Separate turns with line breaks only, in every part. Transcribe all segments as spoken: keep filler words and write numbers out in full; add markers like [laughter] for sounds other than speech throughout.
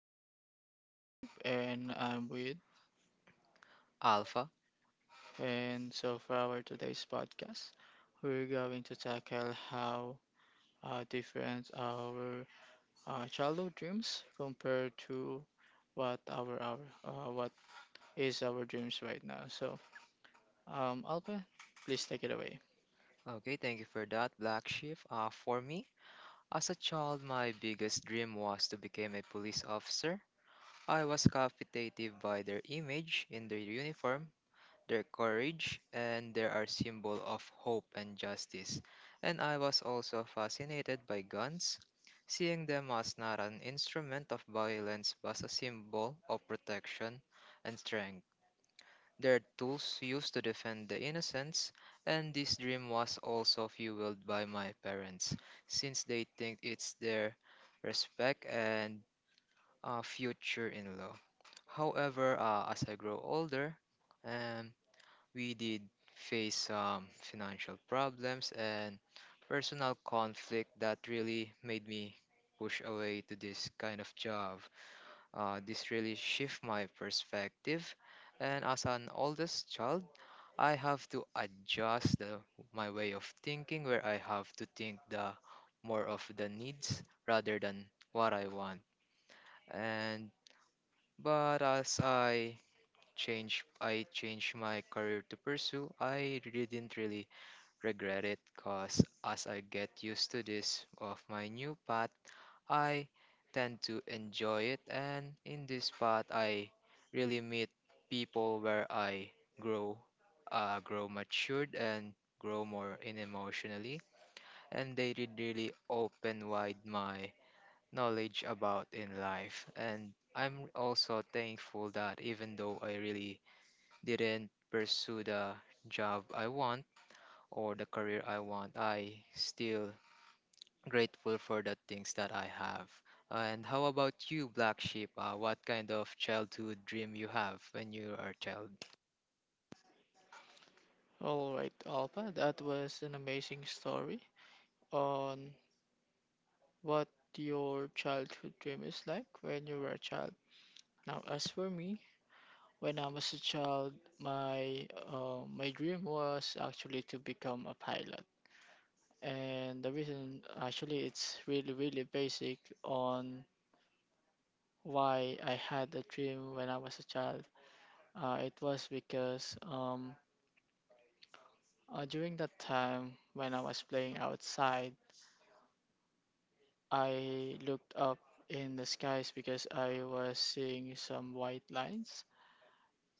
This is Black Sheep, and I'm with.
Alpha.
And so, for our today's podcast, we're going to tackle how uh, different our uh, childhood dreams compare to what our, our uh, what is our dreams right now. So, um, Alpa, please take it away.
Okay, thank you for that, Black Sheep. Uh, for me, as a child, my biggest dream was to become a police officer. I was captivated by their image in their uniform, their courage, and they are symbol of hope and justice. And I was also fascinated by guns, seeing them as not an instrument of violence but as a symbol of protection and strength. Their tools used to defend the innocence, and this dream was also fueled by my parents, since they think it's their respect and uh, future in law. However, uh, as I grow older, um, we did face some financial problems and personal conflict that really made me push away to this kind of job. Uh, this really shift my perspective, and as an oldest child. I have to adjust the, my way of thinking where I have to think the more of the needs rather than what I want. And but as I change I changed my career to pursue, I didn't really regret it cause as I get used to this of my new path I tend to enjoy it, and in this spot, I really meet people where I grow, uh, grow matured, and grow more in emotionally, and they did really open wide my knowledge about in life, and I'm also thankful that even though I really didn't pursue the job I want or the career I want, I still grateful for the things that I have. And how about you, Black Sheep? Uh, what kind of childhood dream you have when you are a child?
All right, Alpa, that was an amazing story on what your childhood dream is like when you were a child. Now, as for me, when I was a child, my uh, my dream was actually to become a pilot, and the reason actually it's really really basic on why I had the dream when I was a child. Uh, it was because um, uh, during that time when I was playing outside, I looked up in the skies because I was seeing some white lines,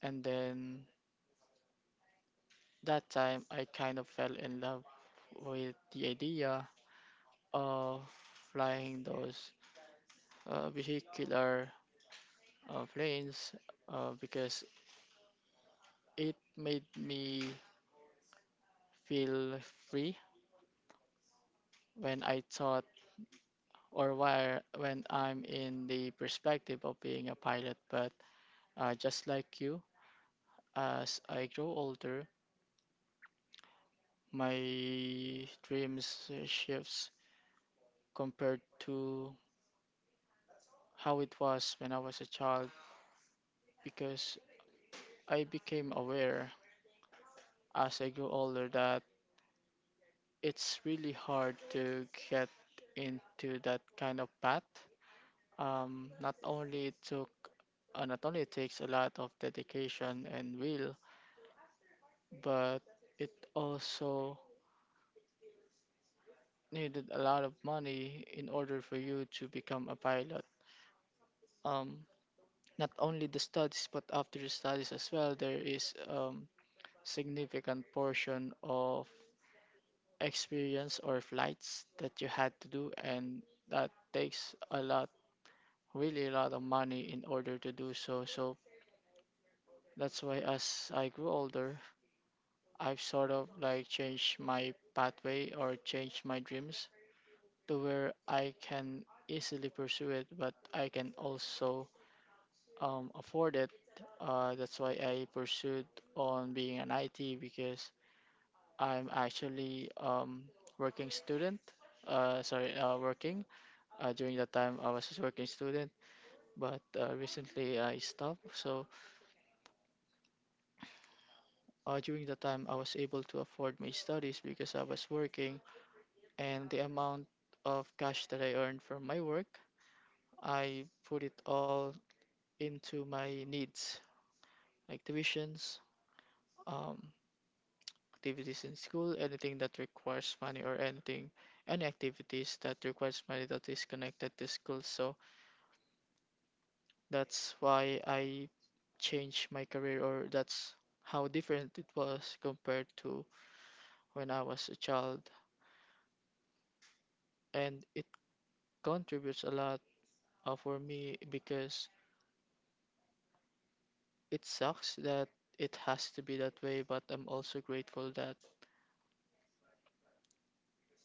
and then that time I kind of fell in love with the idea of flying those uh, vehicular uh, planes uh, because it made me feel free when I thought or where when I'm in the perspective of being a pilot. But uh, just like you, as I grow older, my dreams uh, shifts compared to how it was when I was a child because I became aware as I grew older that it's really hard to get into that kind of path. Um, not only it took, uh, Not only it takes a lot of dedication and will, but it also needed a lot of money in order for you to become a pilot. Um, Not only the studies, but after the studies as well, there is um, significant portion of experience or flights that you had to do, and that takes a lot, really a lot of money in order to do so. So that's why as I grew older, I've sort of like changed my pathway or changed my dreams to where I can easily pursue it, but I can also um, afford it. Uh, that's why I pursued on being an I T because I'm actually um, working student. Uh, sorry, uh, working. Uh, during that time, I was just working student, but uh, recently I stopped. So Uh, during the time, I was able to afford my studies because I was working, and the amount of cash that I earned from my work, I put it all into my needs, like tuitions, um, activities in school, anything that requires money, or anything, any activities that requires money that is connected to school. So that's why I changed my career, or that's how different it was compared to when I was a child, and it contributes a lot uh, for me because it sucks that it has to be that way, but I'm also grateful that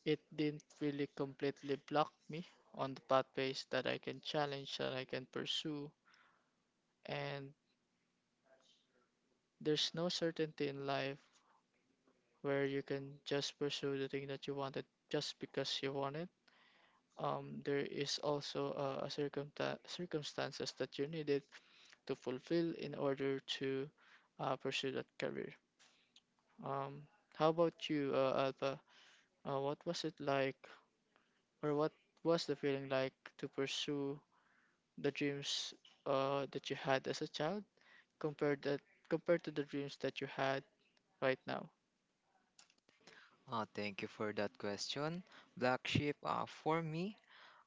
it didn't really completely block me on the pathways that I can challenge, that I can pursue. And there's no certainty in life where you can just pursue the thing that you wanted just because you want it. Um, there is also uh, a circumta- circumstances that you needed to fulfill in order to uh, pursue that career. Um, how about you, uh, Alpha? Uh, what was it like, or what was the feeling like to pursue the dreams uh, that you had as a child compared that compared to the dreams that you had right now?
Uh, thank you for that question, Black Sheep. Uh, for me,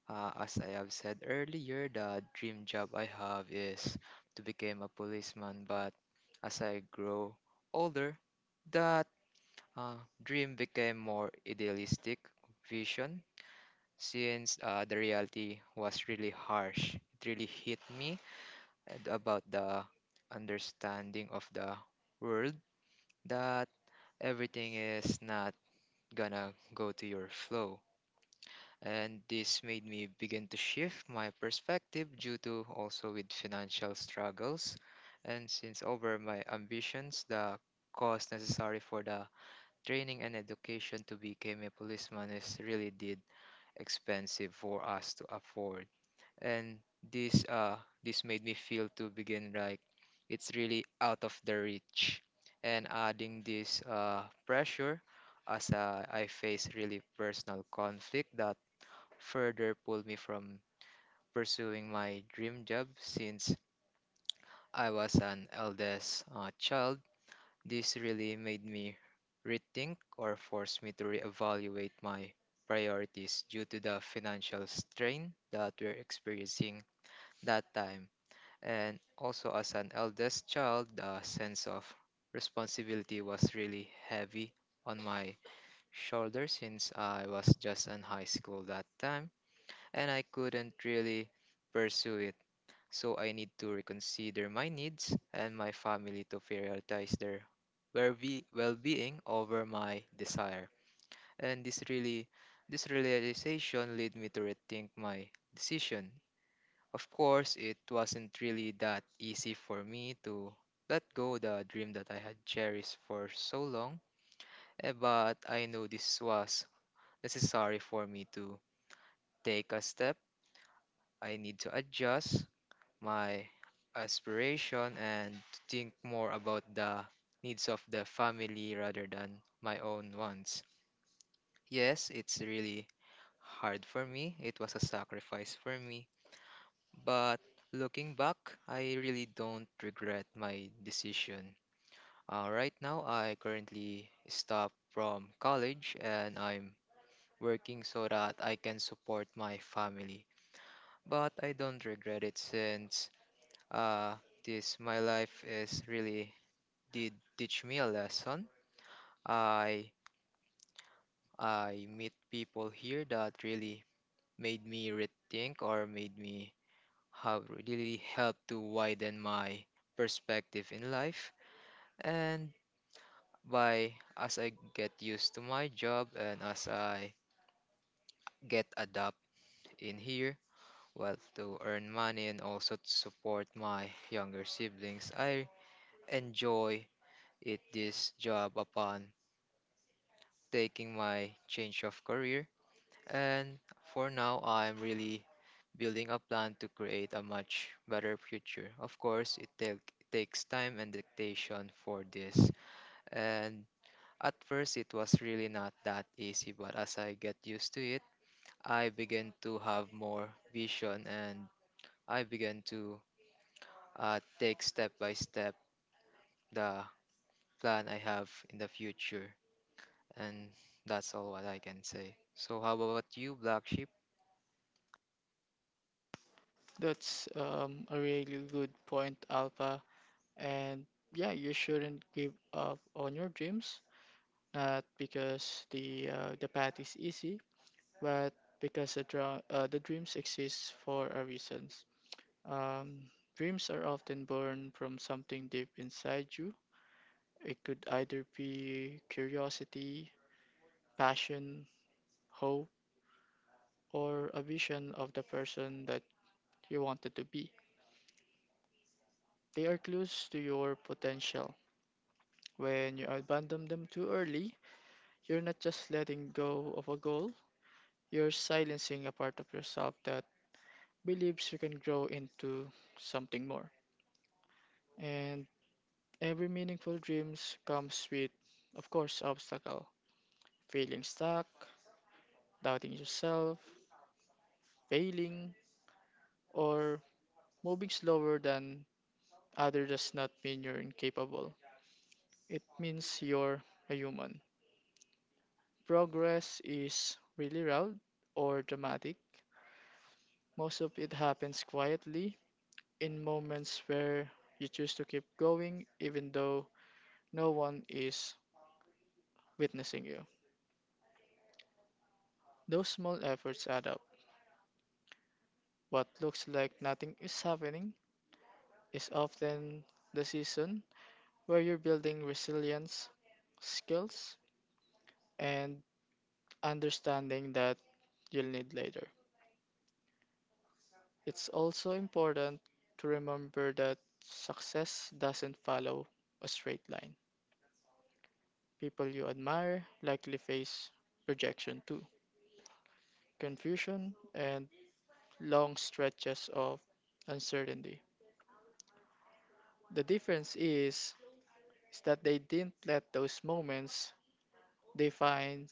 uh, as I have said earlier, the dream job I have is to become a policeman. But as I grow older, that uh, dream became more idealistic vision since uh, the reality was really harsh. It really hit me and about the understanding of the world that everything is not gonna go to your flow. And this made me begin to shift my perspective due to also with financial struggles. And since over my ambitions, the cost necessary for the training and education to become a policeman is really did expensive for us to afford and this uh this made me feel to begin like it's really out of the reach and adding this uh pressure as uh, I face really personal conflict that further pulled me from pursuing my dream job since I was an eldest uh, child this really made me rethink or forced me to reevaluate my priorities due to the financial strain that we're experiencing that time and also, as an eldest child, the sense of responsibility was really heavy on my shoulders since I was just in high school that time and I couldn't really pursue it. So I need to reconsider my needs and my family to prioritize their well-be- well-being over my desire. And this really this realization led me to rethink my decision of course, it wasn't really that easy for me to let go the dream that I had cherished for so long, eh, but I know this was necessary for me to take a step. I need to adjust my aspiration and to think more about the needs of the family rather than my own wants. Yes, it's really hard for me. It was a sacrifice for me But looking back, I really don't regret my decision. Uh, right now, I currently stop from college and I'm working so that I can support my family. But I don't regret it since uh, this my life is really did teach me a lesson. I I meet people here that really made me rethink or made me have really helped to widen my perspective in life And by as I get used to my job and as I get adapt in here, well, to earn money and also to support my younger siblings, I enjoy it this job upon taking my change of career. And for now, I'm really building a plan to create a much better future. Of course, it take, takes time and dedication for this. And At first, it was really not that easy, but as I get used to it, I began to have more vision and I began to uh, take step by step the plan I have in the future. And that's all what I can say. So, how about you, Black Sheep?
That's um, a really good point, Alpha. And yeah, you shouldn't give up on your dreams, not because the uh, the path is easy, but because the dra- uh, the dreams exist for a reason. Um, Dreams are often born from something deep inside you. It could either be curiosity, passion, hope, or a vision of the person that you wanted to be. They are clues to your potential. When you abandon them too early, you're not just letting go of a goal, you're silencing a part of yourself that believes you can grow into something more. And every meaningful dreams comes with, of course, obstacle. Feeling stuck, doubting yourself, failing, or moving slower than others does not mean you're incapable. It means you're a human. Progress is really loud or dramatic. Most of it happens quietly in moments where you choose to keep going even though no one is witnessing you. Those small efforts add up. What looks like nothing is happening is often the season where you're building resilience, skills, and understanding that you'll need later. It's also important to remember that success doesn't follow a straight line. People you admire likely face rejection too, confusion, and long stretches of uncertainty. The difference is, is that they didn't let those moments define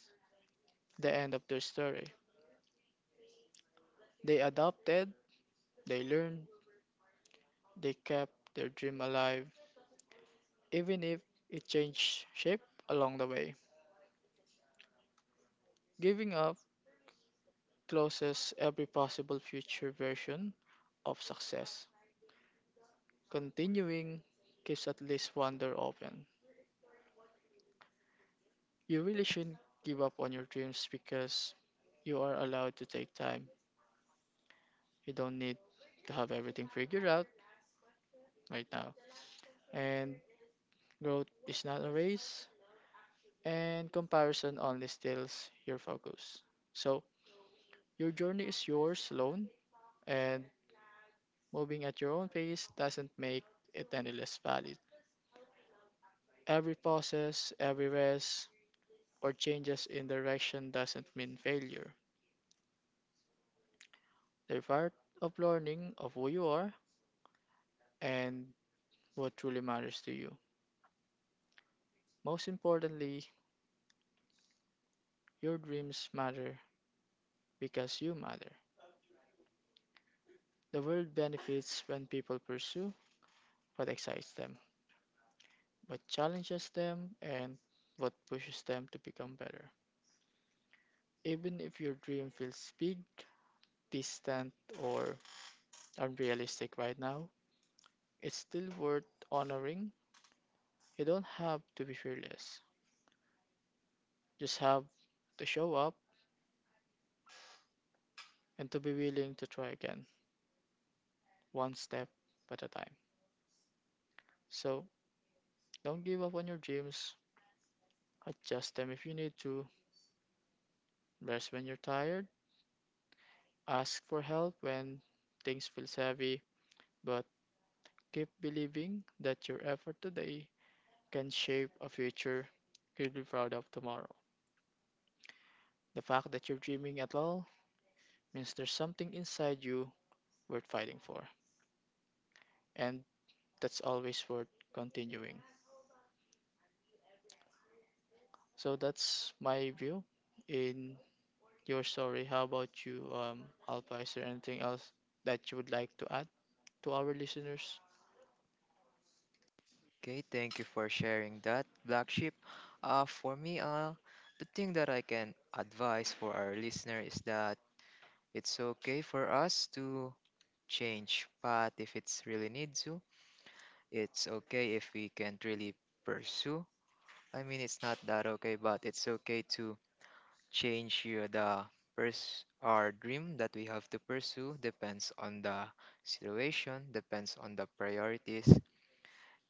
the end of their story. They adopted, they learned, they kept their dream alive even if it changed shape along the way. Giving up closes every possible future version of success. Continuing keeps at least one door open. You really shouldn't give up on your dreams because you are allowed to take time. You don't need to have everything figured out right now. And growth is not a race, and comparison only steals your focus. So, your journey is yours alone, and moving at your own pace doesn't make it any less valid. Every pauses, every rest, or changes in direction doesn't mean failure. They're part of learning of who you are and what truly matters to you. Most importantly, your dreams matter because you matter. The world benefits when people pursue what excites them, what challenges them, and what pushes them to become better. Even if your dream feels big, distant, or unrealistic right now, it's still worth honoring. You don't have to be fearless. Just have to show up and to be willing to try again, one step at a time. So don't give up on your dreams. Adjust them if you need to. Rest when you're tired. Ask for help when things feel heavy. But keep believing that your effort today can shape a future you'll be proud of tomorrow. The fact that you're dreaming at all means there's something inside you worth fighting for, and that's always worth continuing. So that's my view in your story. How about you, um, Alpa? Is there anything else that you would like to add to our listeners?
Okay, thank you for sharing that, Black Sheep. Uh, for me, uh, the thing that I can advise for our listener is that it's okay for us to change, but if it's really needs to, it's okay if we can't really pursue. I mean, it's not that okay, but it's okay to change your the pers- our dream that we have to pursue depends on the situation, depends on the priorities.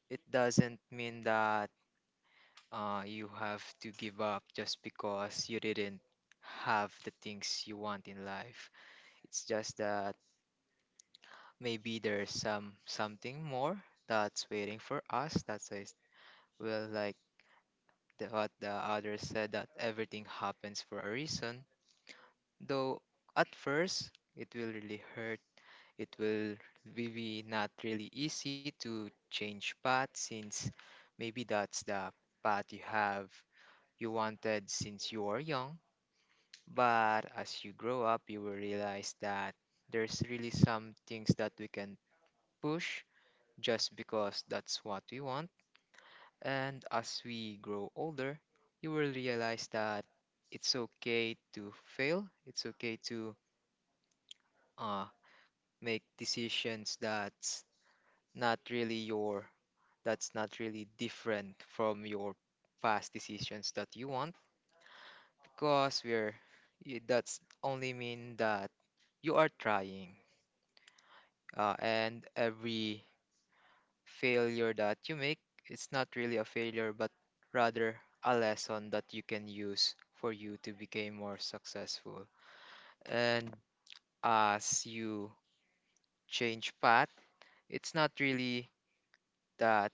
It doesn't mean that uh, you have to give up just because you didn't have the things you want in life. It's just that maybe there's some something more that's waiting for us. That's why it's- will like The, what the others said that everything happens for a reason, though at first it will really hurt. It will be not really easy to change path since maybe that's the path you have you wanted since you were young. But as you grow up, you will realize that there's really some things that we can push just because that's what we want And as we grow older, you will realize that it's okay to fail. It's okay to uh, make decisions that's not really your, that's not really different from your past decisions that you want, because we're y- that's only mean that you are trying. Uh, and every failure that you make, it's not really a failure, but rather a lesson that you can use for you to become more successful. And as you change path, it's not really that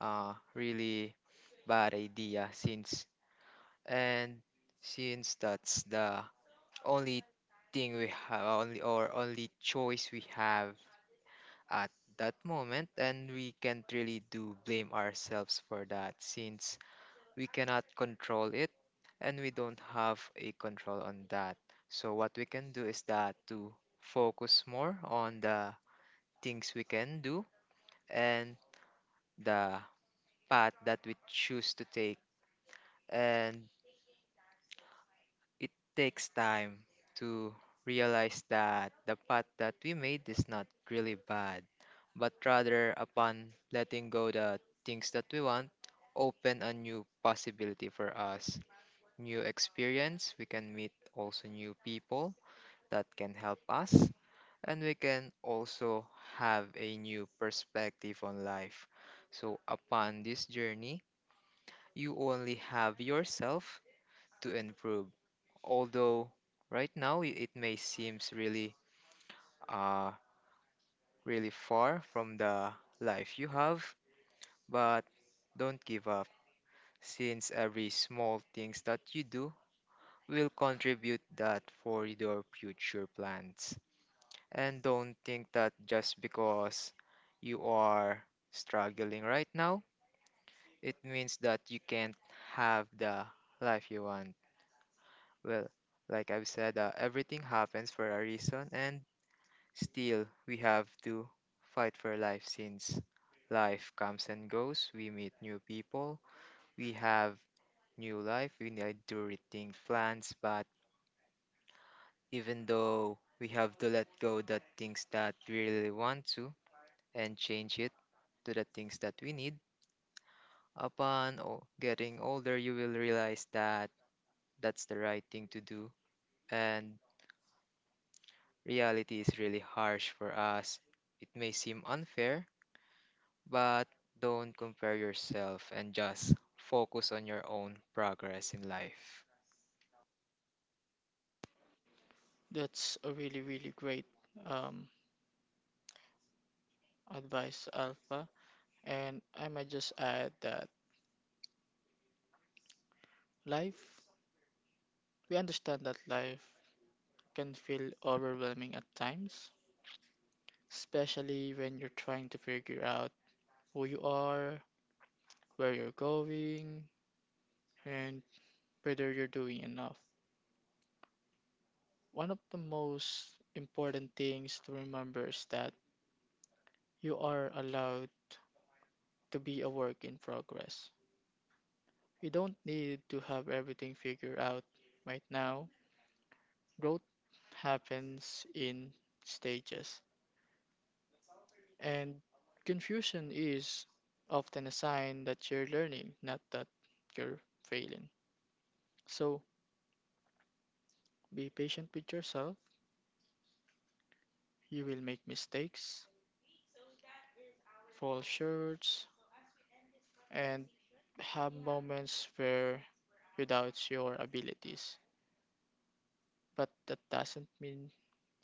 uh, really bad idea since and since that's the only thing we have only or only choice we have at that moment and we can't really do blame ourselves for that since we cannot control it and we don't have a control on that. So what we can do is that to focus more on the things we can do and the path that we choose to take. And it takes time to realize that the path that we made is not really bad, but rather upon letting go the things that we want, open a new possibility for us. New experience, we can meet also new people that can help us, and we can also have a new perspective on life. So, upon this journey, you only have yourself to improve. Although right now i- it may seems really uh really far from the life you have, but don't give up since every small things that you do will contribute that for your future plans. And don't think that just because you are struggling right now, it means that you can't have the life you want. Well, like I've said, uh, everything happens for a reason, and still we have to fight for life since life comes and goes. We meet new people, we have new life, we need to rethink plans, but even though we have to let go the things that we really want to, and change it to the things that we need. Upon o- getting older, you will realize that that's the right thing to do, and reality is really harsh for us. It may seem unfair, but don't compare yourself and just focus on your own progress in life.
That's a really, really great um, advice, Alpha. And I might just add that life, we understand that life can feel overwhelming at times, especially when you're trying to figure out who you are, where you're going, and whether you're doing enough. One of the most important things to remember is that you are allowed to be a work in progress. You don't need to have everything figured out right now. Growth happens in stages, and confusion is often a sign that you're learning, not that you're failing. So be patient with yourself. You will make mistakes, fall short, and have moments where you doubt your abilities. But that doesn't mean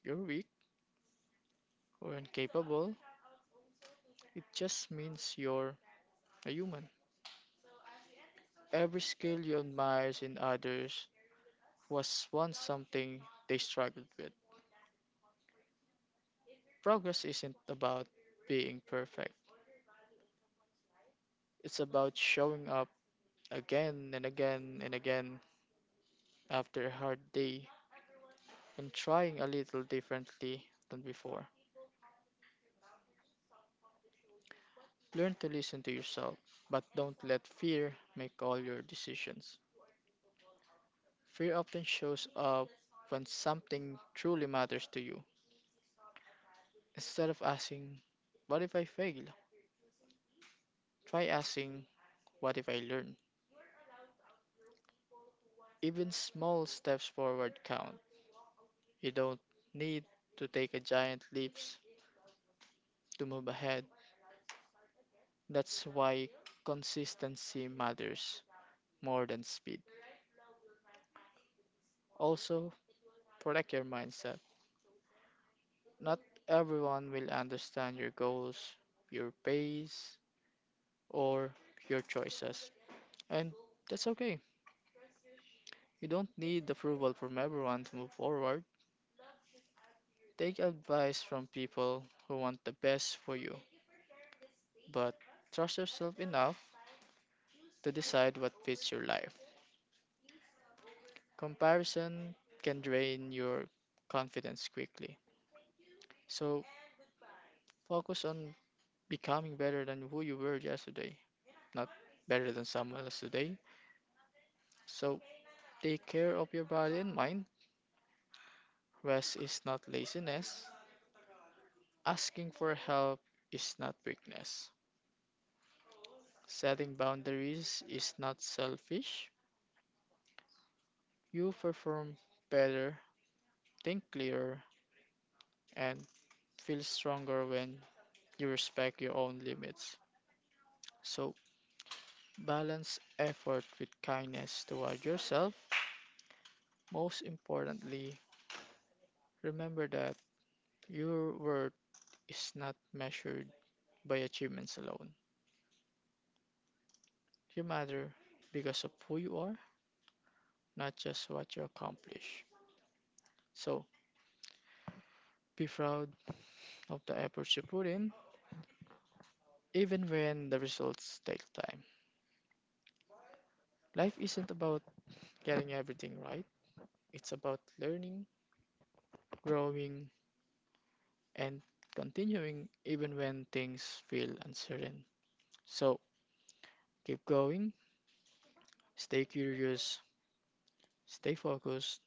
you're weak or incapable, it just means you're a human. Every skill you admire in others was once something they struggled with. Progress isn't about being perfect, it's about showing up again and again and again after a hard day and trying a little differently than before. Learn to listen to yourself, but don't let fear make all your decisions. Fear often shows up when something truly matters to you. Instead of asking, "What if I fail?" try asking, "What if I learn?" Even small steps forward count. You don't need to take a giant leaps to move ahead. That's why consistency matters more than speed. Also, protect your mindset. Not everyone will understand your goals, your pace, or your choices. And that's okay. You don't need approval from everyone to move forward. Take advice from people who want the best for you, but trust yourself enough to decide what fits your life. Comparison can drain your confidence quickly. So focus on becoming better than who you were yesterday, not better than someone else today. So take care of your body and mind. Rest is not laziness. Asking for help is not weakness. Setting boundaries is not selfish. You perform better, think clearer, and feel stronger when you respect your own limits. So, balance effort with kindness toward yourself. Most importantly, remember that your worth is not measured by achievements alone. You matter because of who you are, not just what you accomplish. So be proud of the efforts you put in, even when the results take time. Life isn't about getting everything right, it's about learning, growing, and continuing even when things feel uncertain. So keep going, stay curious, stay focused,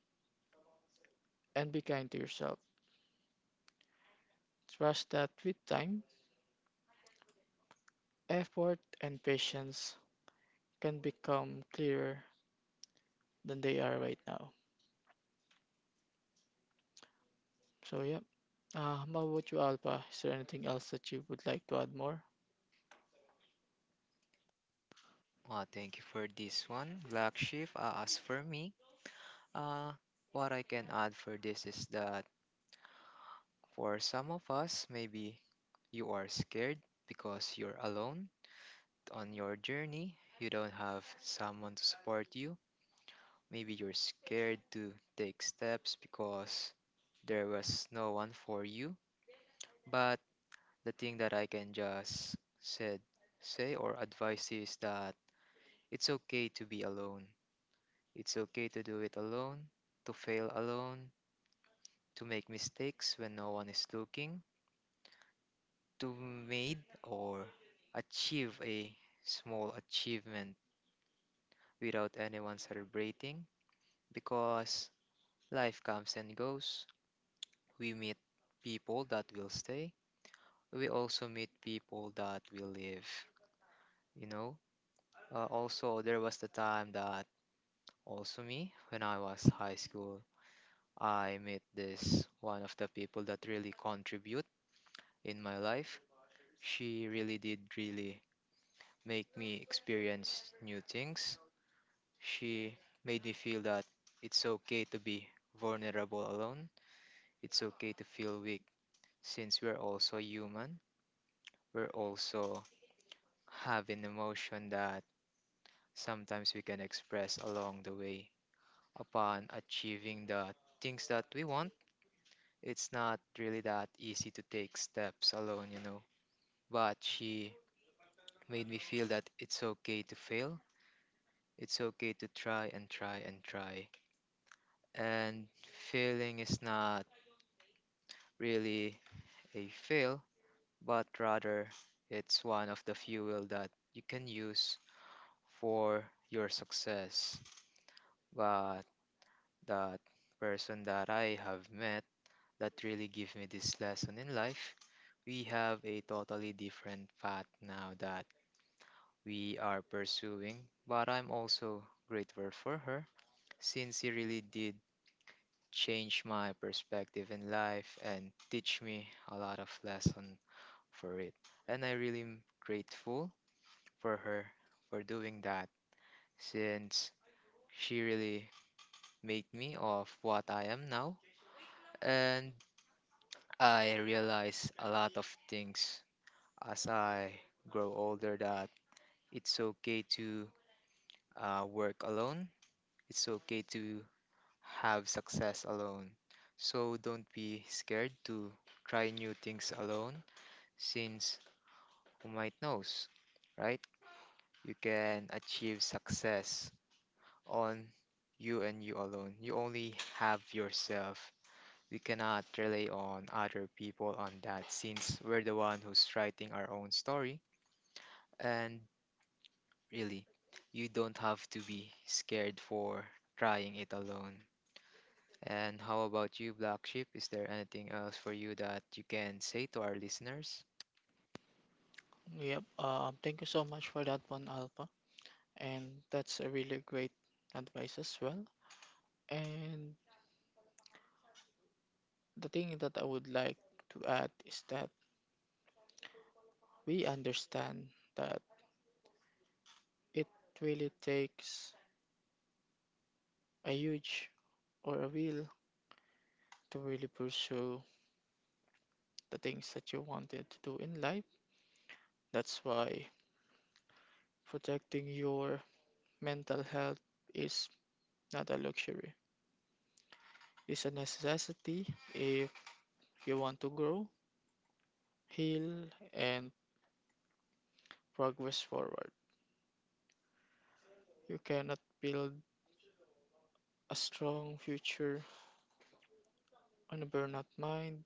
and be kind to yourself. Trust that with time, effort, and patience can become clearer than they are right now. So yep. Uh, how about you, Alpha? Is there anything else that you would like to add more?
Uh, thank you for this one, Black Sheep. Uh, as for me, uh, what I can add for this is that For some of us, maybe you are scared because you're alone on your journey. You don't have someone to support you. Maybe you're scared to take steps because there was no one for you. But the thing that I can just said say or advise is that it's okay to be alone. It's okay to do it alone, to fail alone, to make mistakes when no one is looking to made or achieve a small achievement without anyone celebrating because life comes and goes. We meet people that will stay. We also meet people that will leave, you know. Uh, also, there was the time that also me, when I was high school, I met this one of the people that really contribute in my life. She really did really make me experience new things She made me feel that it's okay to be vulnerable alone, it's okay to feel weak since we're also human. We're also having emotion that sometimes we can express along the way. Upon achieving the things that we want, it's not really that easy to take steps alone, you know. But she made me feel that it's okay to fail. It's okay to try and try and try. And failing is not really a fail, but rather it's one of the fuel that you can use for your success. But that person that I have met that really gave me this lesson in life, we have a totally different path now that we are pursuing. But I'm also grateful for her since she really did change my perspective in life and teach me a lot of lessons for it. And I really am grateful for her for doing that since she really made me of what I am now. And I realize a lot of things as I grow older that it's okay to uh, work alone, it's okay to have success alone. So don't be scared to try new things alone since who might knows, right? You can achieve success on you and you alone. You only have yourself. We cannot rely on other people on that since we're the one who's writing our own story. And really, you don't have to be scared for trying it alone. And how about you, Black Sheep? Is there anything else for you that you can say to our listeners?
Yep. Uh, thank you so much for that one, Alpha. And that's a really great advice as well. And the thing that I would like to add is that we understand that it really takes a huge or a will to really pursue the things that you wanted to do in life. That's why protecting your mental health is not a luxury, is a necessity if you want to grow, heal, and progress forward. You cannot build a strong future on a burnout mind.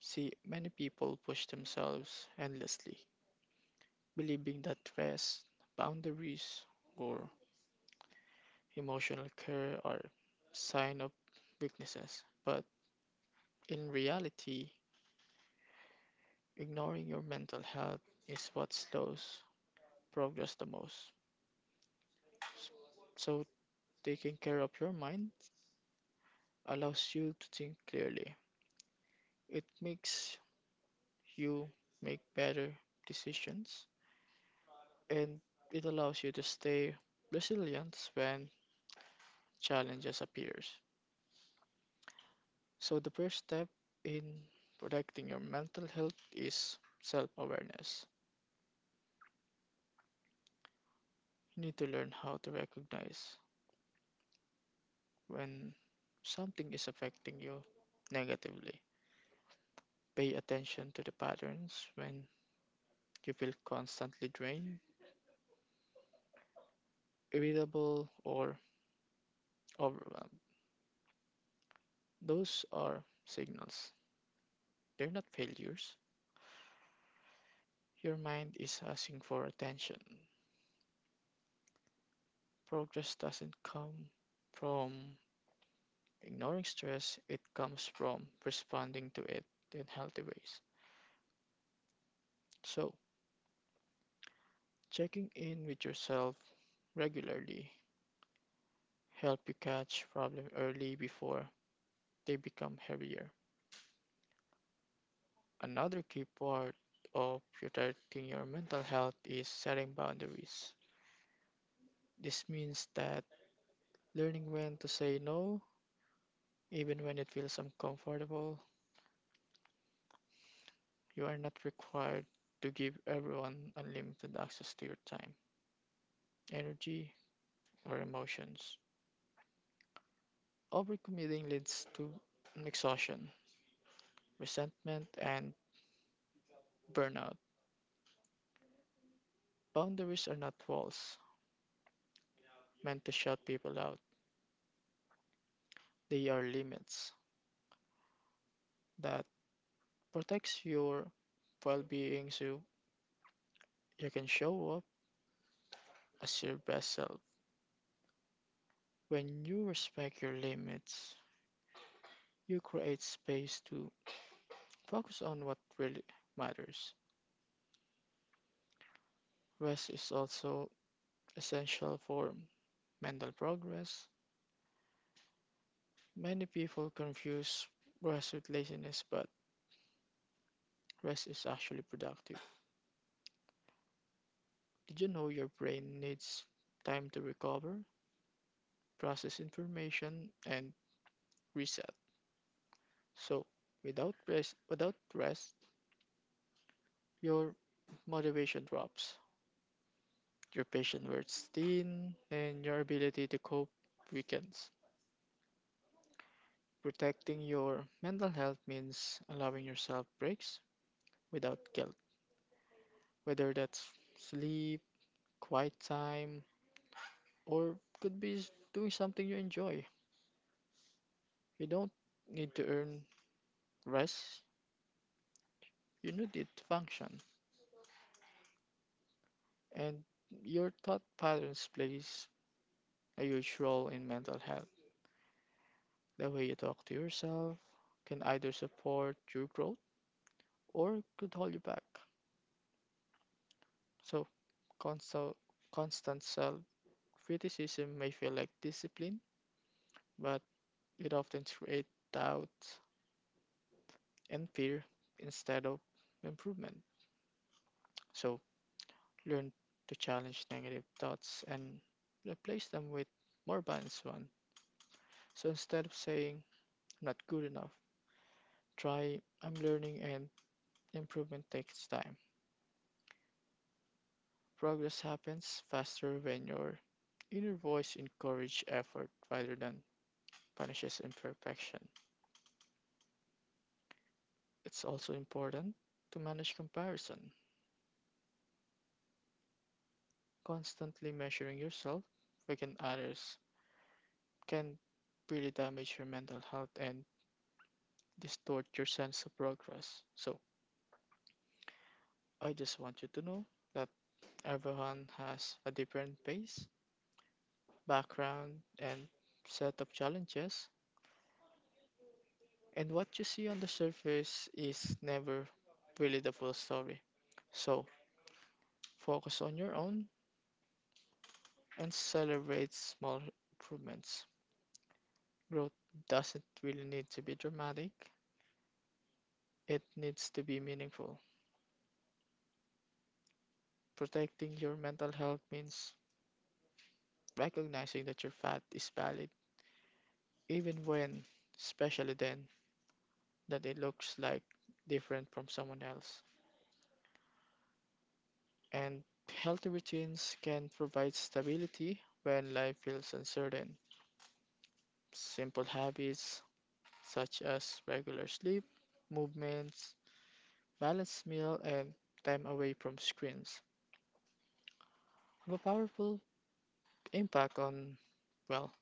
See, many people push themselves endlessly, believing that rest, boundaries, or emotional care are sign of weaknesses. But in reality, ignoring your mental health is what slows progress the most. So, taking care of your mind allows you to think clearly. It makes you make better decisions and it allows you to stay resilient when challenges appears. So the first step in protecting your mental health is self-awareness. You need to learn how to recognize when something is affecting you negatively. Pay attention to the patterns when you feel constantly drained, irritable, or overwhelmed. Those are signals. They're not failures. Your mind is asking for attention. Progress doesn't come from ignoring stress, it comes from responding to it in healthy ways. So, checking in with yourself regularly help you catch problems early before they become heavier. Another key part of protecting your mental health is setting boundaries. This means that learning when to say no, even when it feels uncomfortable. You are not required to give everyone unlimited access to your time, energy, or emotions. Overcommitting leads to exhaustion, resentment, and burnout. Boundaries are not walls meant to shut people out. They are limits that protects your well-being so you can show up as your best self. When you respect your limits, you create space to focus on what really matters. Rest is also essential for mental progress. Many people confuse rest with laziness, but rest is actually productive. Did you know your brain needs time to recover, process information, and reset? So, without rest, without rest, your motivation drops, your patience wears thin, and your ability to cope weakens. Protecting your mental health means allowing yourself breaks without guilt, whether that's sleep, quiet time, or could be s- doing something you enjoy. You don't need to earn rest, you need it to function. And your thought patterns plays a huge role in mental health. The way you talk to yourself can either support your growth or could hold you back. So constant constant self criticism may feel like discipline, but it often creates doubt and fear instead of improvement. So learn to challenge negative thoughts and replace them with more balanced one. So instead of saying I'm not good enough, try I'm learning and improvement takes time. Progress happens faster when your inner voice encourages effort rather than punishes imperfection. It's also important to manage comparison, constantly measuring yourself against others can really damage your mental health and distort your sense of progress. So, I just want you to know that everyone has a different pace, background, and set of challenges, and what you see on the surface is never really the full story. So, focus on your own and celebrate small improvements. Growth doesn't really need to be dramatic, it needs to be meaningful. Protecting your mental health means recognizing that your fat is valid, even when, especially then, that it looks like different from someone else. And healthy routines can provide stability when life feels uncertain. Simple habits such as regular sleep, movements, balanced meal, and time away from screens have a powerful impact on, well,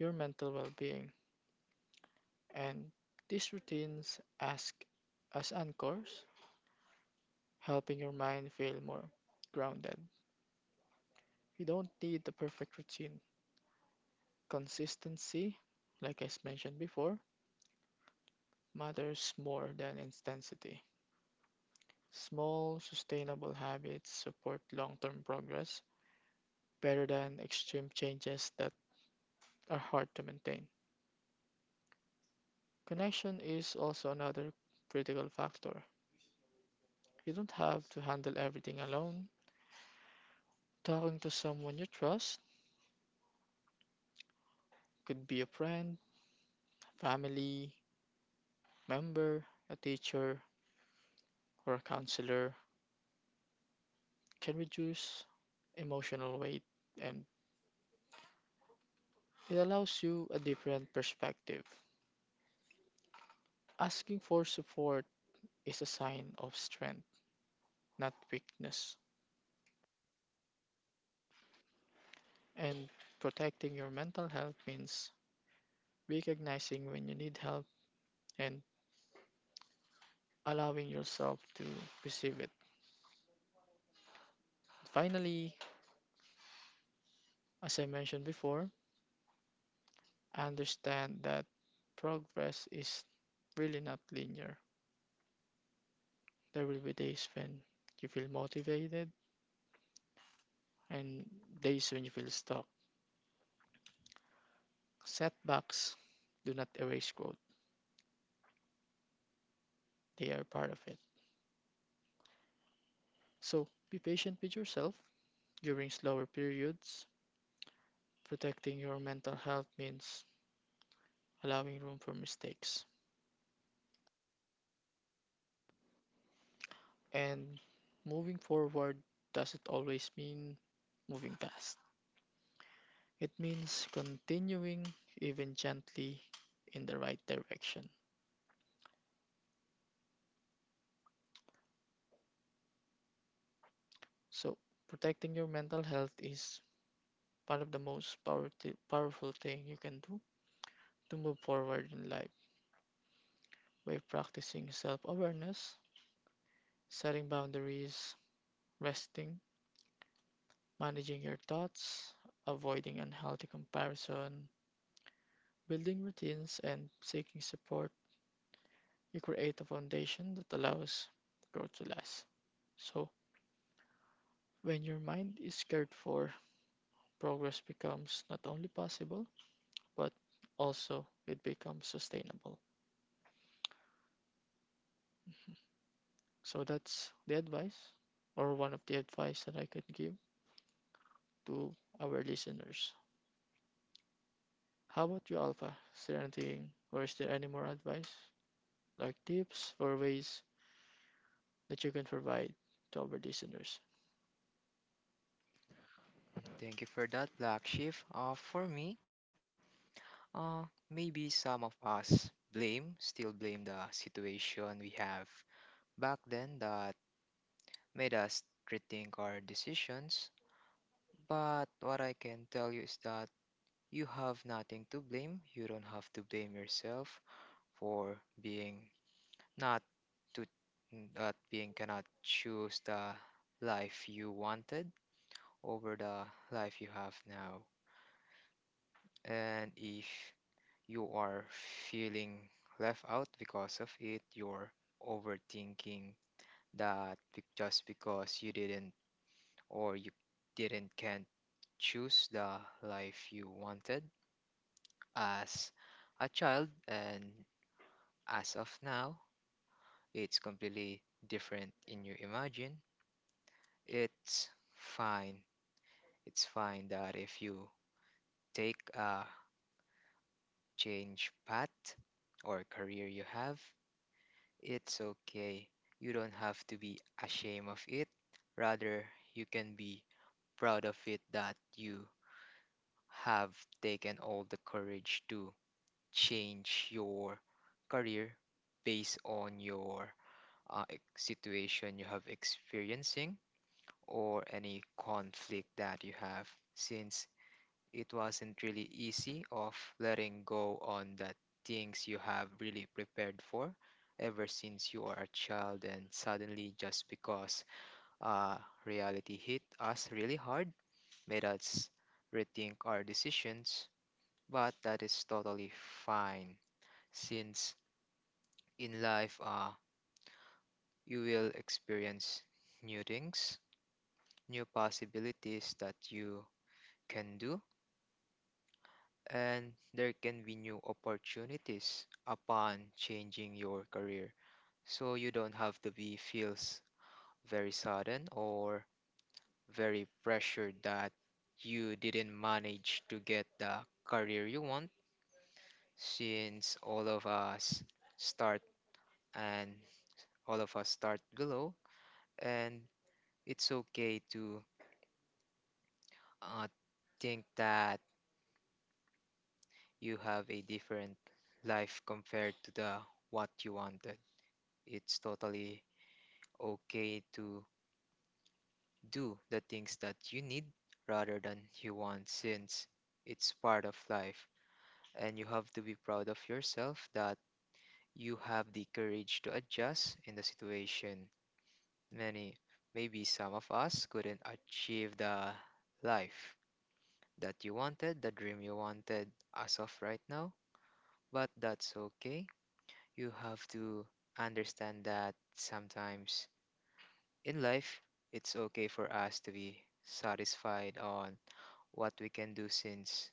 your mental well being. And these routines ask as anchors helping your mind feel more grounded. You don't need the perfect routine. Consistency, like I s- mentioned before, matters more than intensity. Small, sustainable habits support long term progress better than extreme changes that are hard to maintain. Connection is also another critical factor. You don't have to handle everything alone. Talking to someone you trust, could be a friend, family member, a teacher, or a counselor, can reduce emotional weight and it allows you a different perspective. Asking for support is a sign of strength, not weakness. And protecting your mental health means recognizing when you need help and allowing yourself to receive it. Finally, as I mentioned before, understand that progress is really not linear. There will be days when you feel motivated and days when you feel stuck. Setbacks do not erase growth, they are part of it. So be patient with yourself during slower periods. Protecting your mental health means allowing room for mistakes. And moving forward doesn't always mean moving fast, it means continuing even gently in the right direction. So protecting your mental health is one of the most power- powerful thing you can do to move forward in life. By practicing self awareness, setting boundaries, resting, managing your thoughts, avoiding unhealthy comparison, building routines, and seeking support, you create a foundation that allows growth to last. So, when your mind is cared for, progress becomes not only possible, but also it becomes sustainable. So, that's the advice, or one of the advice that I could give to our listeners. How about you, Alpha? Is there anything or is there any more advice, like tips or ways that you can provide to our listeners?
Thank you for that, Black Sheep. Uh, for me, uh, maybe some of us blame, still blame the situation we have back then that made us rethink our decisions. But what I can tell you is that you have nothing to blame. You don't have to blame yourself for being not to not being cannot choose the life you wanted over the life you have now. And if you are feeling left out because of it, you're overthinking that be- just because you didn't or you didn't can't choose the life you wanted as a child, and as of now, it's completely different in your imagine. It's fine. It's fine that if you take a change path or career you have, it's okay. You don't have to be ashamed of it. Rather, you can be proud of it that you have taken all the courage to change your career based on your uh, ex- situation you have experiencing or any conflict that you have since it wasn't really easy of letting go on the things you have really prepared for ever since you are a child and suddenly just because uh, reality hit us really hard made us rethink our decisions, but that is totally fine since in life, uh, you will experience new things, new possibilities that you can do, and there can be new opportunities upon changing your career. So you don't have to be feels very sudden or very pressured that you didn't manage to get the career you want since all of us start and all of us start below, and it's okay to uh, think that you have a different life compared to the what you wanted. It's totally okay to do the things that you need rather than you want since it's part of life, and you have to be proud of yourself that you have the courage to adjust in the situation. Many Maybe some of us couldn't achieve the life that you wanted, the dream you wanted as of right now, but that's okay. You have to understand that sometimes in life it's okay for us to be satisfied on what we can do since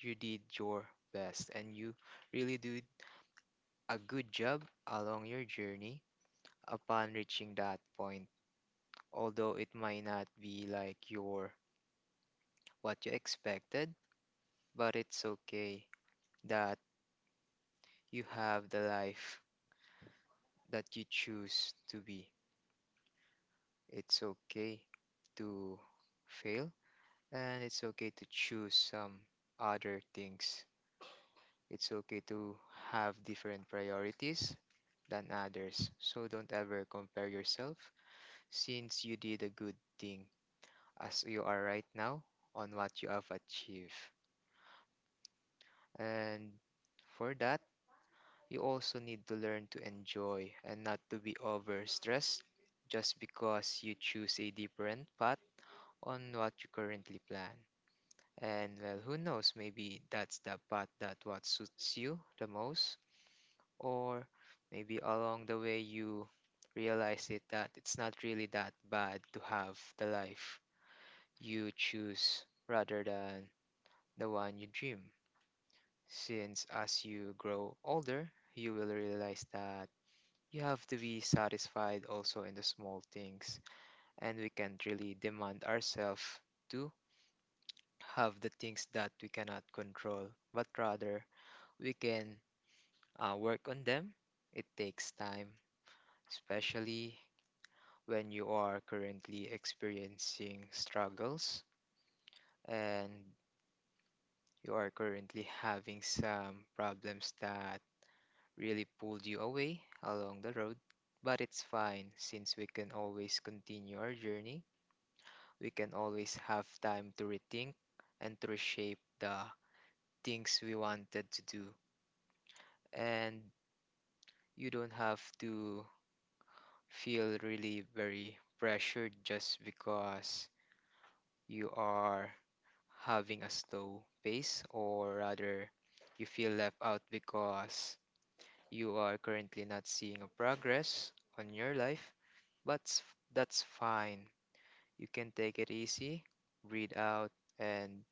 you did your best and you really did a good job along your journey upon reaching that point, although it might not be like your what you expected, but it's okay that you have the life that you choose to be. It's okay to fail. And it's okay to choose some other things. It's okay to have different priorities than others. So don't ever compare yourself since you did a good thing as you are right now on what you have achieved. And for that, you also need to learn to enjoy and not to be overstressed just because you choose a different path on what you currently plan. And well, who knows, maybe that's the path that what suits you the most, or maybe along the way you realize it that it's not really that bad to have the life you choose rather than the one you dream. Since as you grow older, you will realize that you have to be satisfied also in the small things, and we can't really demand ourselves to have the things that we cannot control, but rather we can uh, work on them. It takes time, especially when you are currently experiencing struggles and you are currently having some problems that really pulled you away along the road. But it's fine since we can always continue our journey. We can always have time to rethink and to reshape the things we wanted to do. And you don't have to feel really very pressured just because you are having a slow pace, or rather, you feel left out because you are currently not seeing a progress on your life. But s- that's fine. You can take it easy, breathe out, and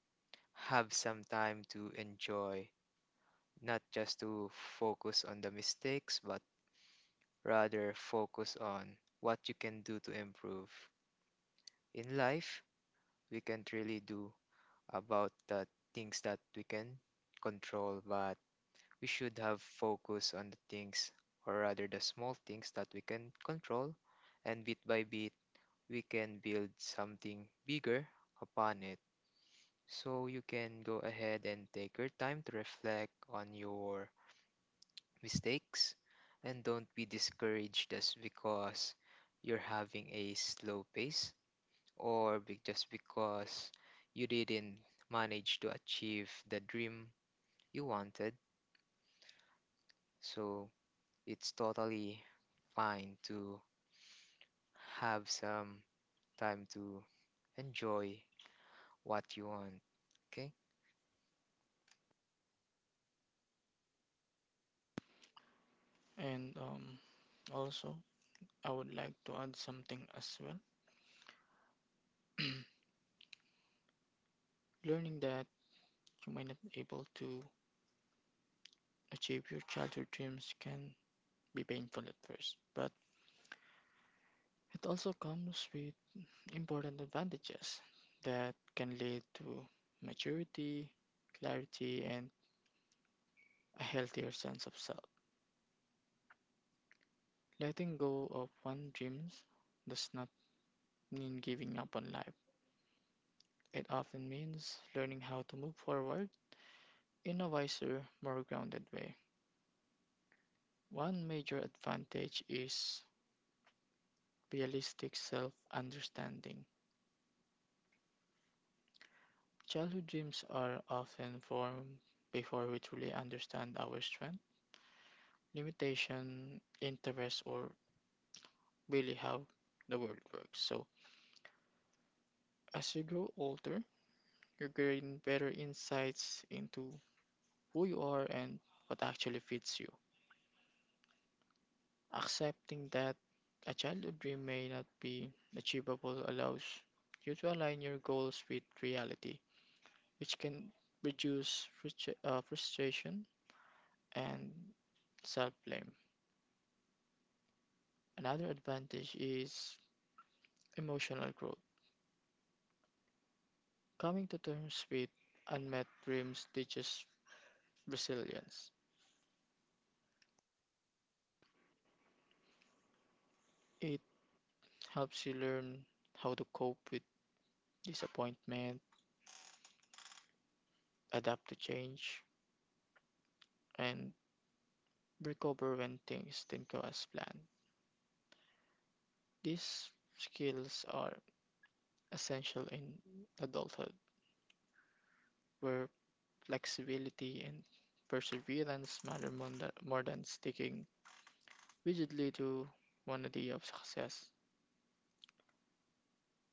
have some time to enjoy, not just to focus on the mistakes, but rather focus on what you can do to improve in life. We can't really do about the things that we can control, but we should have focus on the things, or rather the small things that we can control, and bit by bit, we can build something bigger upon it. So you can go ahead and take your time to reflect on your mistakes and don't be discouraged just because you're having a slow pace or be- just because you didn't manage to achieve the dream you wanted. So it's totally fine to have some time to enjoy what you want. Okay?
And um, also, I would like to add something as well. [clears throat] Learning that you might not be able to achieve your childhood dreams can be painful at first, but it also comes with important advantages that can lead to maturity, clarity, and a healthier sense of self. Letting go of one's dreams does not mean giving up on life. It often means learning how to move forward in a wiser, more grounded way. One major advantage is realistic self understanding. Childhood dreams are often formed before we truly understand our strength, limitation, interests, or really how the world works. So, as you grow older, you gain better insights into who you are and what actually fits you. Accepting that a childhood dream may not be achievable allows you to align your goals with reality, which can reduce frustra- uh, frustration and self blame. Another advantage is emotional growth. Coming to terms with unmet dreams teaches resilience. It helps you learn how to cope with disappointment, adapt to change, and recover when things didn't go as planned. These skills are essential in adulthood, where flexibility and perseverance matter more than, more than sticking rigidly to one idea of success.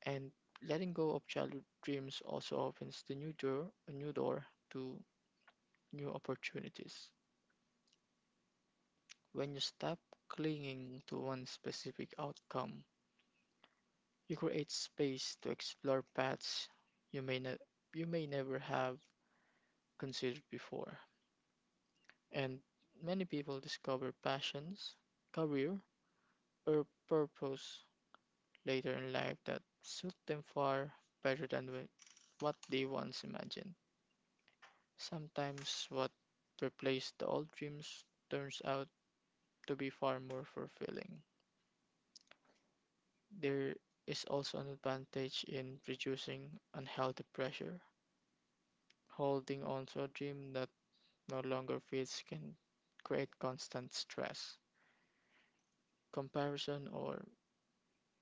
And letting go of childhood dreams also opens the new door, a new door to new opportunities. When you stop clinging to one specific outcome, you create space to explore paths you may not you may never have considered before, and many people discover passions, career, or purpose later in life that suit them far better than wh- what they once imagined. Sometimes what replaced the old dreams turns out to be far more fulfilling. There is also an advantage in reducing unhealthy pressure. Holding on to a dream that no longer fits can create constant stress, comparison, or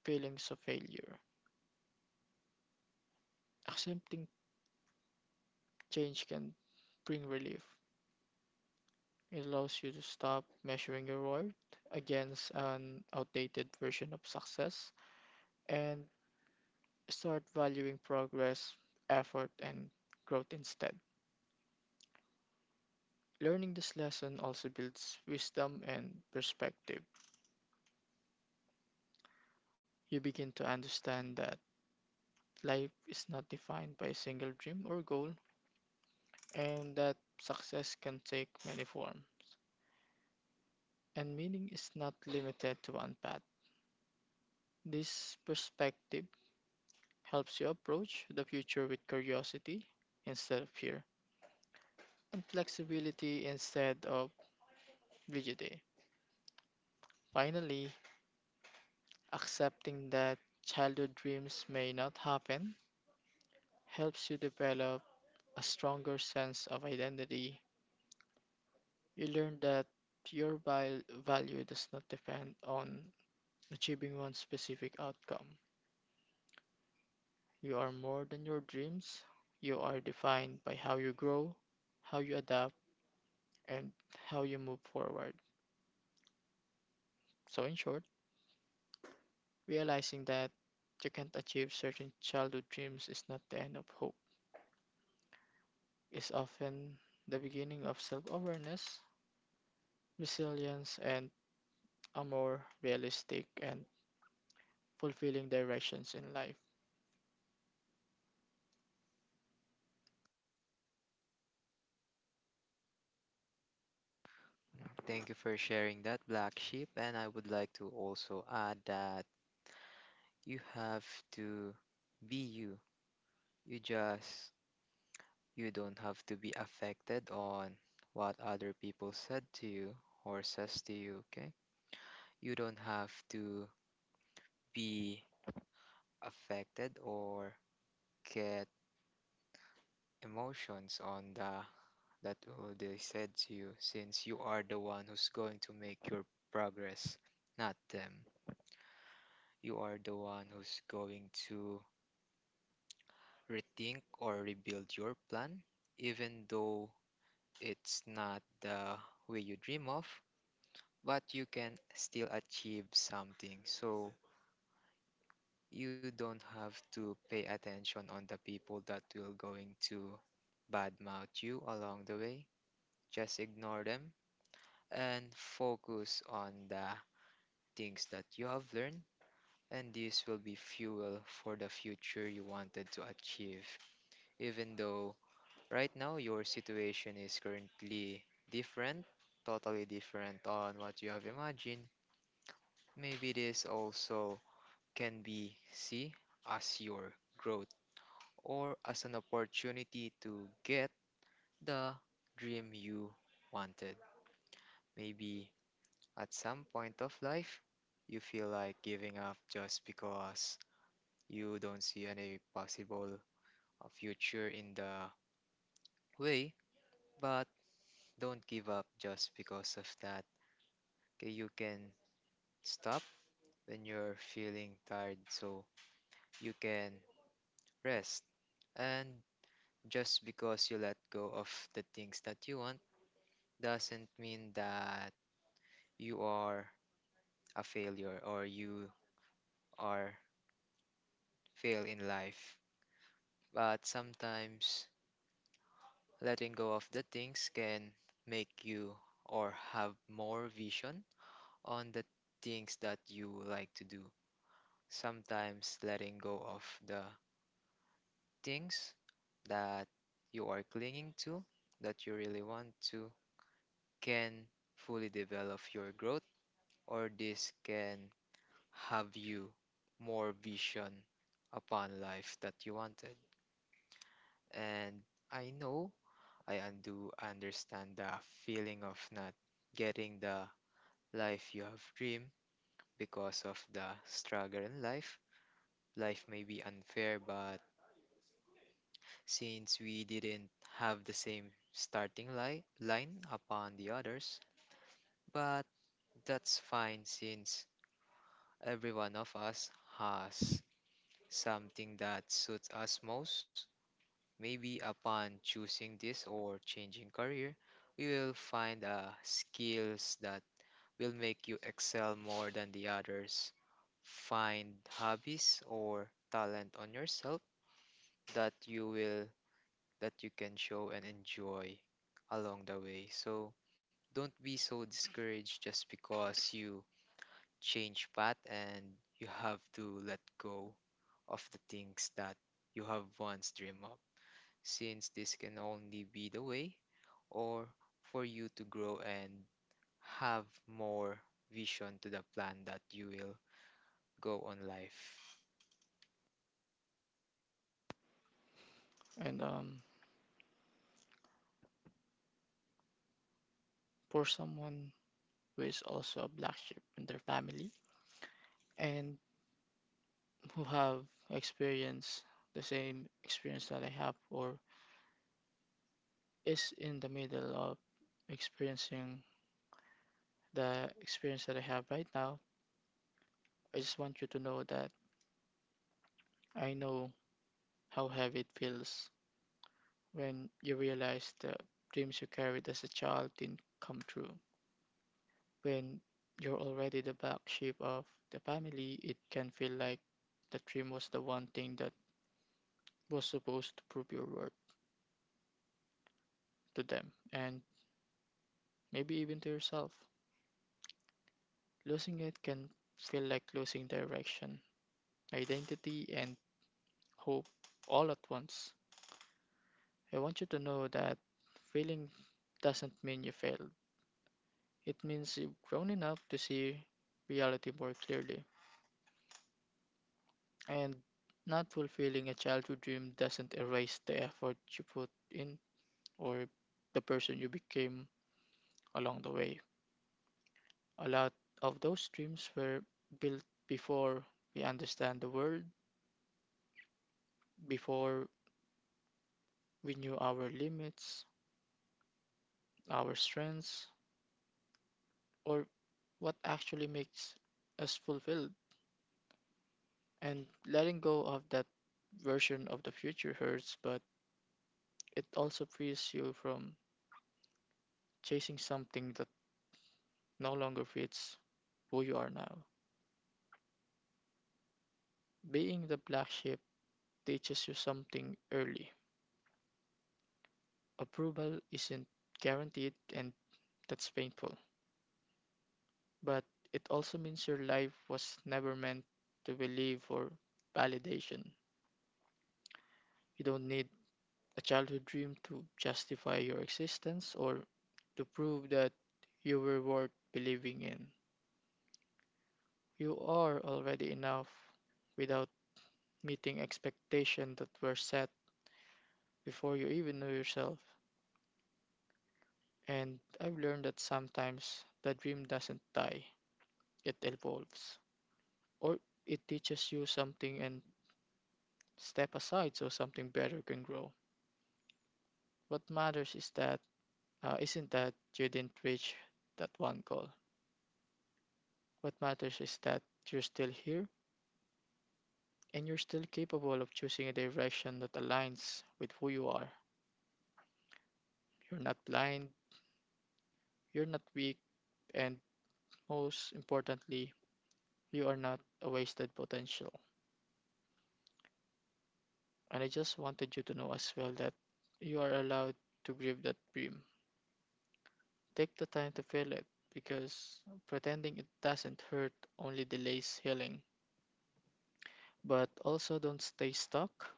feelings of failure. Accepting change can bring relief. It allows you to stop measuring your worth against an outdated version of success and start valuing progress, effort, and growth instead. Learning this lesson also builds wisdom and perspective. You begin to understand that life is not defined by a single dream or goal, and that success can take many forms, and meaning is not limited to one path. This perspective helps you approach the future with curiosity instead of fear, and flexibility instead of rigidity. Finally, accepting that childhood dreams may not happen helps you develop a stronger sense of identity. You learn that your val- value does not depend on achieving one specific outcome. You are more than your dreams. You are defined by how you grow, how you adapt, and how you move forward. So, in short, realizing that you can't achieve certain childhood dreams is not the end of hope, it's often the beginning of self awareness, resilience, and a more realistic and fulfilling directions in life.
Uh, Thank you for sharing that, Black Sheep. And I would like to also add that you have to be you. You just, you don't have to be affected on what other people said to you or says to you, okay? You don't have to be affected or get emotions on the that what they said to you since you are the one who's going to make your progress, not them. You are the one who's going to rethink or rebuild your plan even though it's not the way you dream of, but you can still achieve something. So you don't have to pay attention on the people that will going to badmouth you along the way. Just ignore them and focus on the things that you have learned, and this will be fuel for the future you wanted to achieve. Even though right now your situation is currently different, totally different on what you have imagined, maybe this also can be see as your growth or as an opportunity to get the dream you wanted. Maybe at some point of life, you feel like giving up just because you don't see any possible uh, future in the way, but don't give up just because of that. Okay, you can stop when you're feeling tired, so you can rest. And just because you let go of the things that you want, doesn't mean that you are a failure or you are fail in life. But sometimes letting go of the things can make you or have more vision on the things that you like to do. Sometimes letting go of the things that you are clinging to, that you really want to, can fully develop your growth, or this can have you more vision upon life that you wanted. And I know I undo understand the feeling of not getting the life you have dreamed because of the struggle in life. Life may be unfair, but since we didn't have the same starting li- line upon the others, but that's fine since every one of us has something that suits us most. Maybe upon choosing this or changing career, we will find uh, skills that will make you excel more than the others. Find hobbies or talent on yourself that you will that you can show and enjoy along the way. So don't be so discouraged just because you change path and you have to let go of the things that you have once dreamed of since this can only be the way or for you to grow and have more vision to the plan that you will go on life.
And um, for someone who is also a black sheep in their family and who have experienced the same experience that I have or is in the middle of experiencing the experience that I have right now, I just want you to know that I know how heavy it feels when you realize the dreams you carried as a child didn't come true. When you're already the black sheep of the family, it can feel like the dream was the one thing that was supposed to prove your worth to them and maybe even to yourself. Losing it can feel like losing direction, identity, and hope all at once. I want you to know that failing doesn't mean you failed. It means you've grown enough to see reality more clearly. And not fulfilling a childhood dream doesn't erase the effort you put in or the person you became along the way. A lot of those dreams were built before we understand the world, before we knew our limits, our strengths, or what actually makes us fulfilled. And letting go of that version of the future hurts, but it also frees you from chasing something that no longer fits who you are now. Being the black sheep teaches you something early. Approval isn't guaranteed, and that's painful. But it also means your life was never meant to believe for validation. You don't need a childhood dream to justify your existence or to prove that you were worth believing in. You are already enough without meeting expectations that were set before you even know yourself. And I've learned that sometimes the dream doesn't die, it evolves. Or it teaches you something and step aside so something better can grow. What matters is that uh, isn't that you didn't reach that one goal. What matters is that you're still here and you're still capable of choosing a direction that aligns with who you are. You're not blind, you're not weak, and most importantly, you are not a wasted potential. And I just wanted you to know as well that you are allowed to grieve that dream. Take the time to feel it because pretending it doesn't hurt only delays healing. But also don't stay stuck.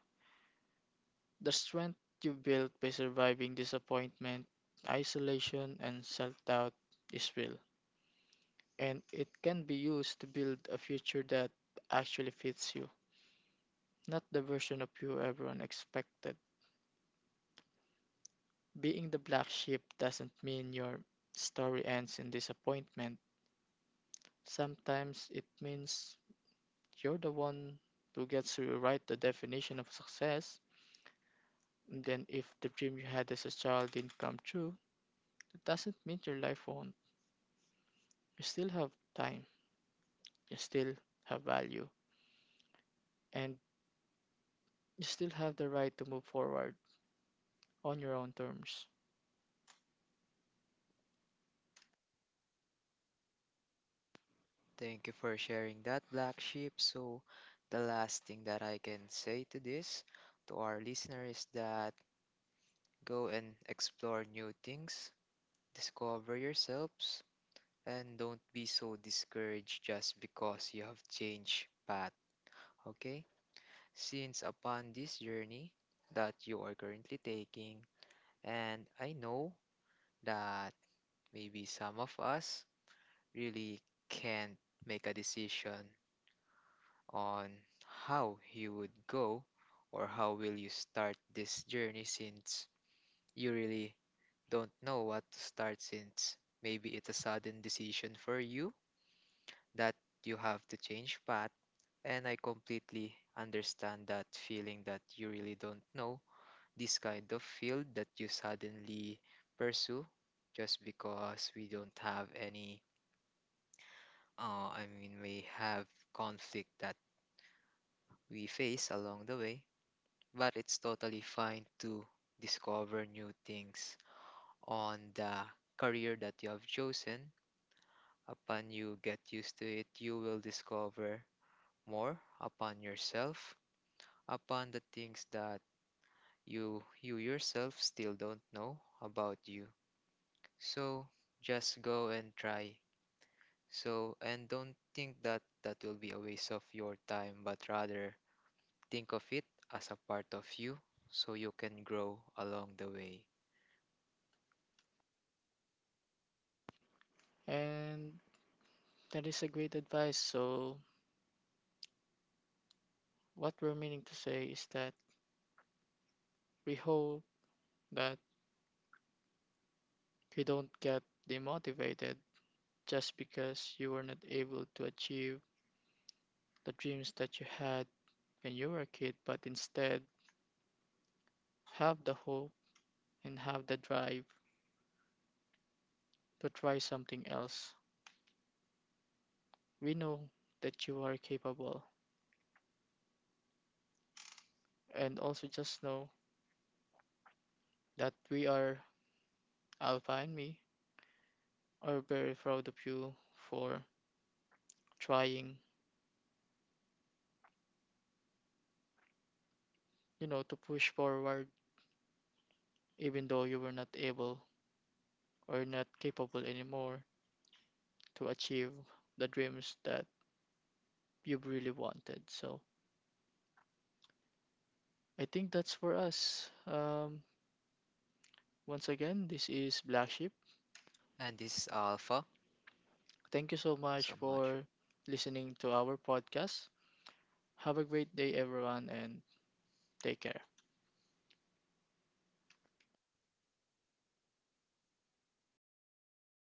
The strength you built by surviving disappointment, isolation, and self doubt is real. And it can be used to build a future that actually fits you, not the version of you everyone expected. Being the black sheep doesn't mean your story ends in disappointment. Sometimes it means you're the one who gets to rewrite the definition of success. And then, if the dream you had as a child didn't come true, it doesn't mean your life won't. You still have time, you still have value, and you still have the right to move forward on your own terms.
Thank you for sharing that, Black Sheep. So, the last thing that I can say to this, to our listeners, is that go and explore new things, discover yourselves, and don't be so discouraged just because you have changed path. Okay? Since upon this journey that you are currently taking. And I know that maybe some of us really can't make a decision on how you would go or how will you start this journey since you really don't know what to start since maybe it's a sudden decision for you that you have to change path, and I completely understand that feeling that you really don't know this kind of field that you suddenly pursue just because we don't have any, uh, I mean, we have conflict that we face along the way. But it's totally fine to discover new things on the career that you have chosen. Upon you get used to it, you will discover more upon yourself, upon the things that you you yourself still don't know about you. So just go and try. So, and don't think that that will be a waste of your time, but rather think of it as a part of you so you can grow along the way.
And that is a great advice. So, what we're meaning to say is that we hope that you don't get demotivated just because you were not able to achieve the dreams that you had when you were a kid, but instead have the hope and have the drive to try something else. We know that you are capable, and also just know that we are, Alpha and me, are very proud of you for trying, you know, to push forward even though you were not able or not capable anymore to achieve the dreams that you really wanted. So I think that's for us. Um, once again, this is Black Sheep.
And this is Alpha. Thank
Thank
you
you so much
so much.
for listening to our podcast. Have a great day, everyone, and take care.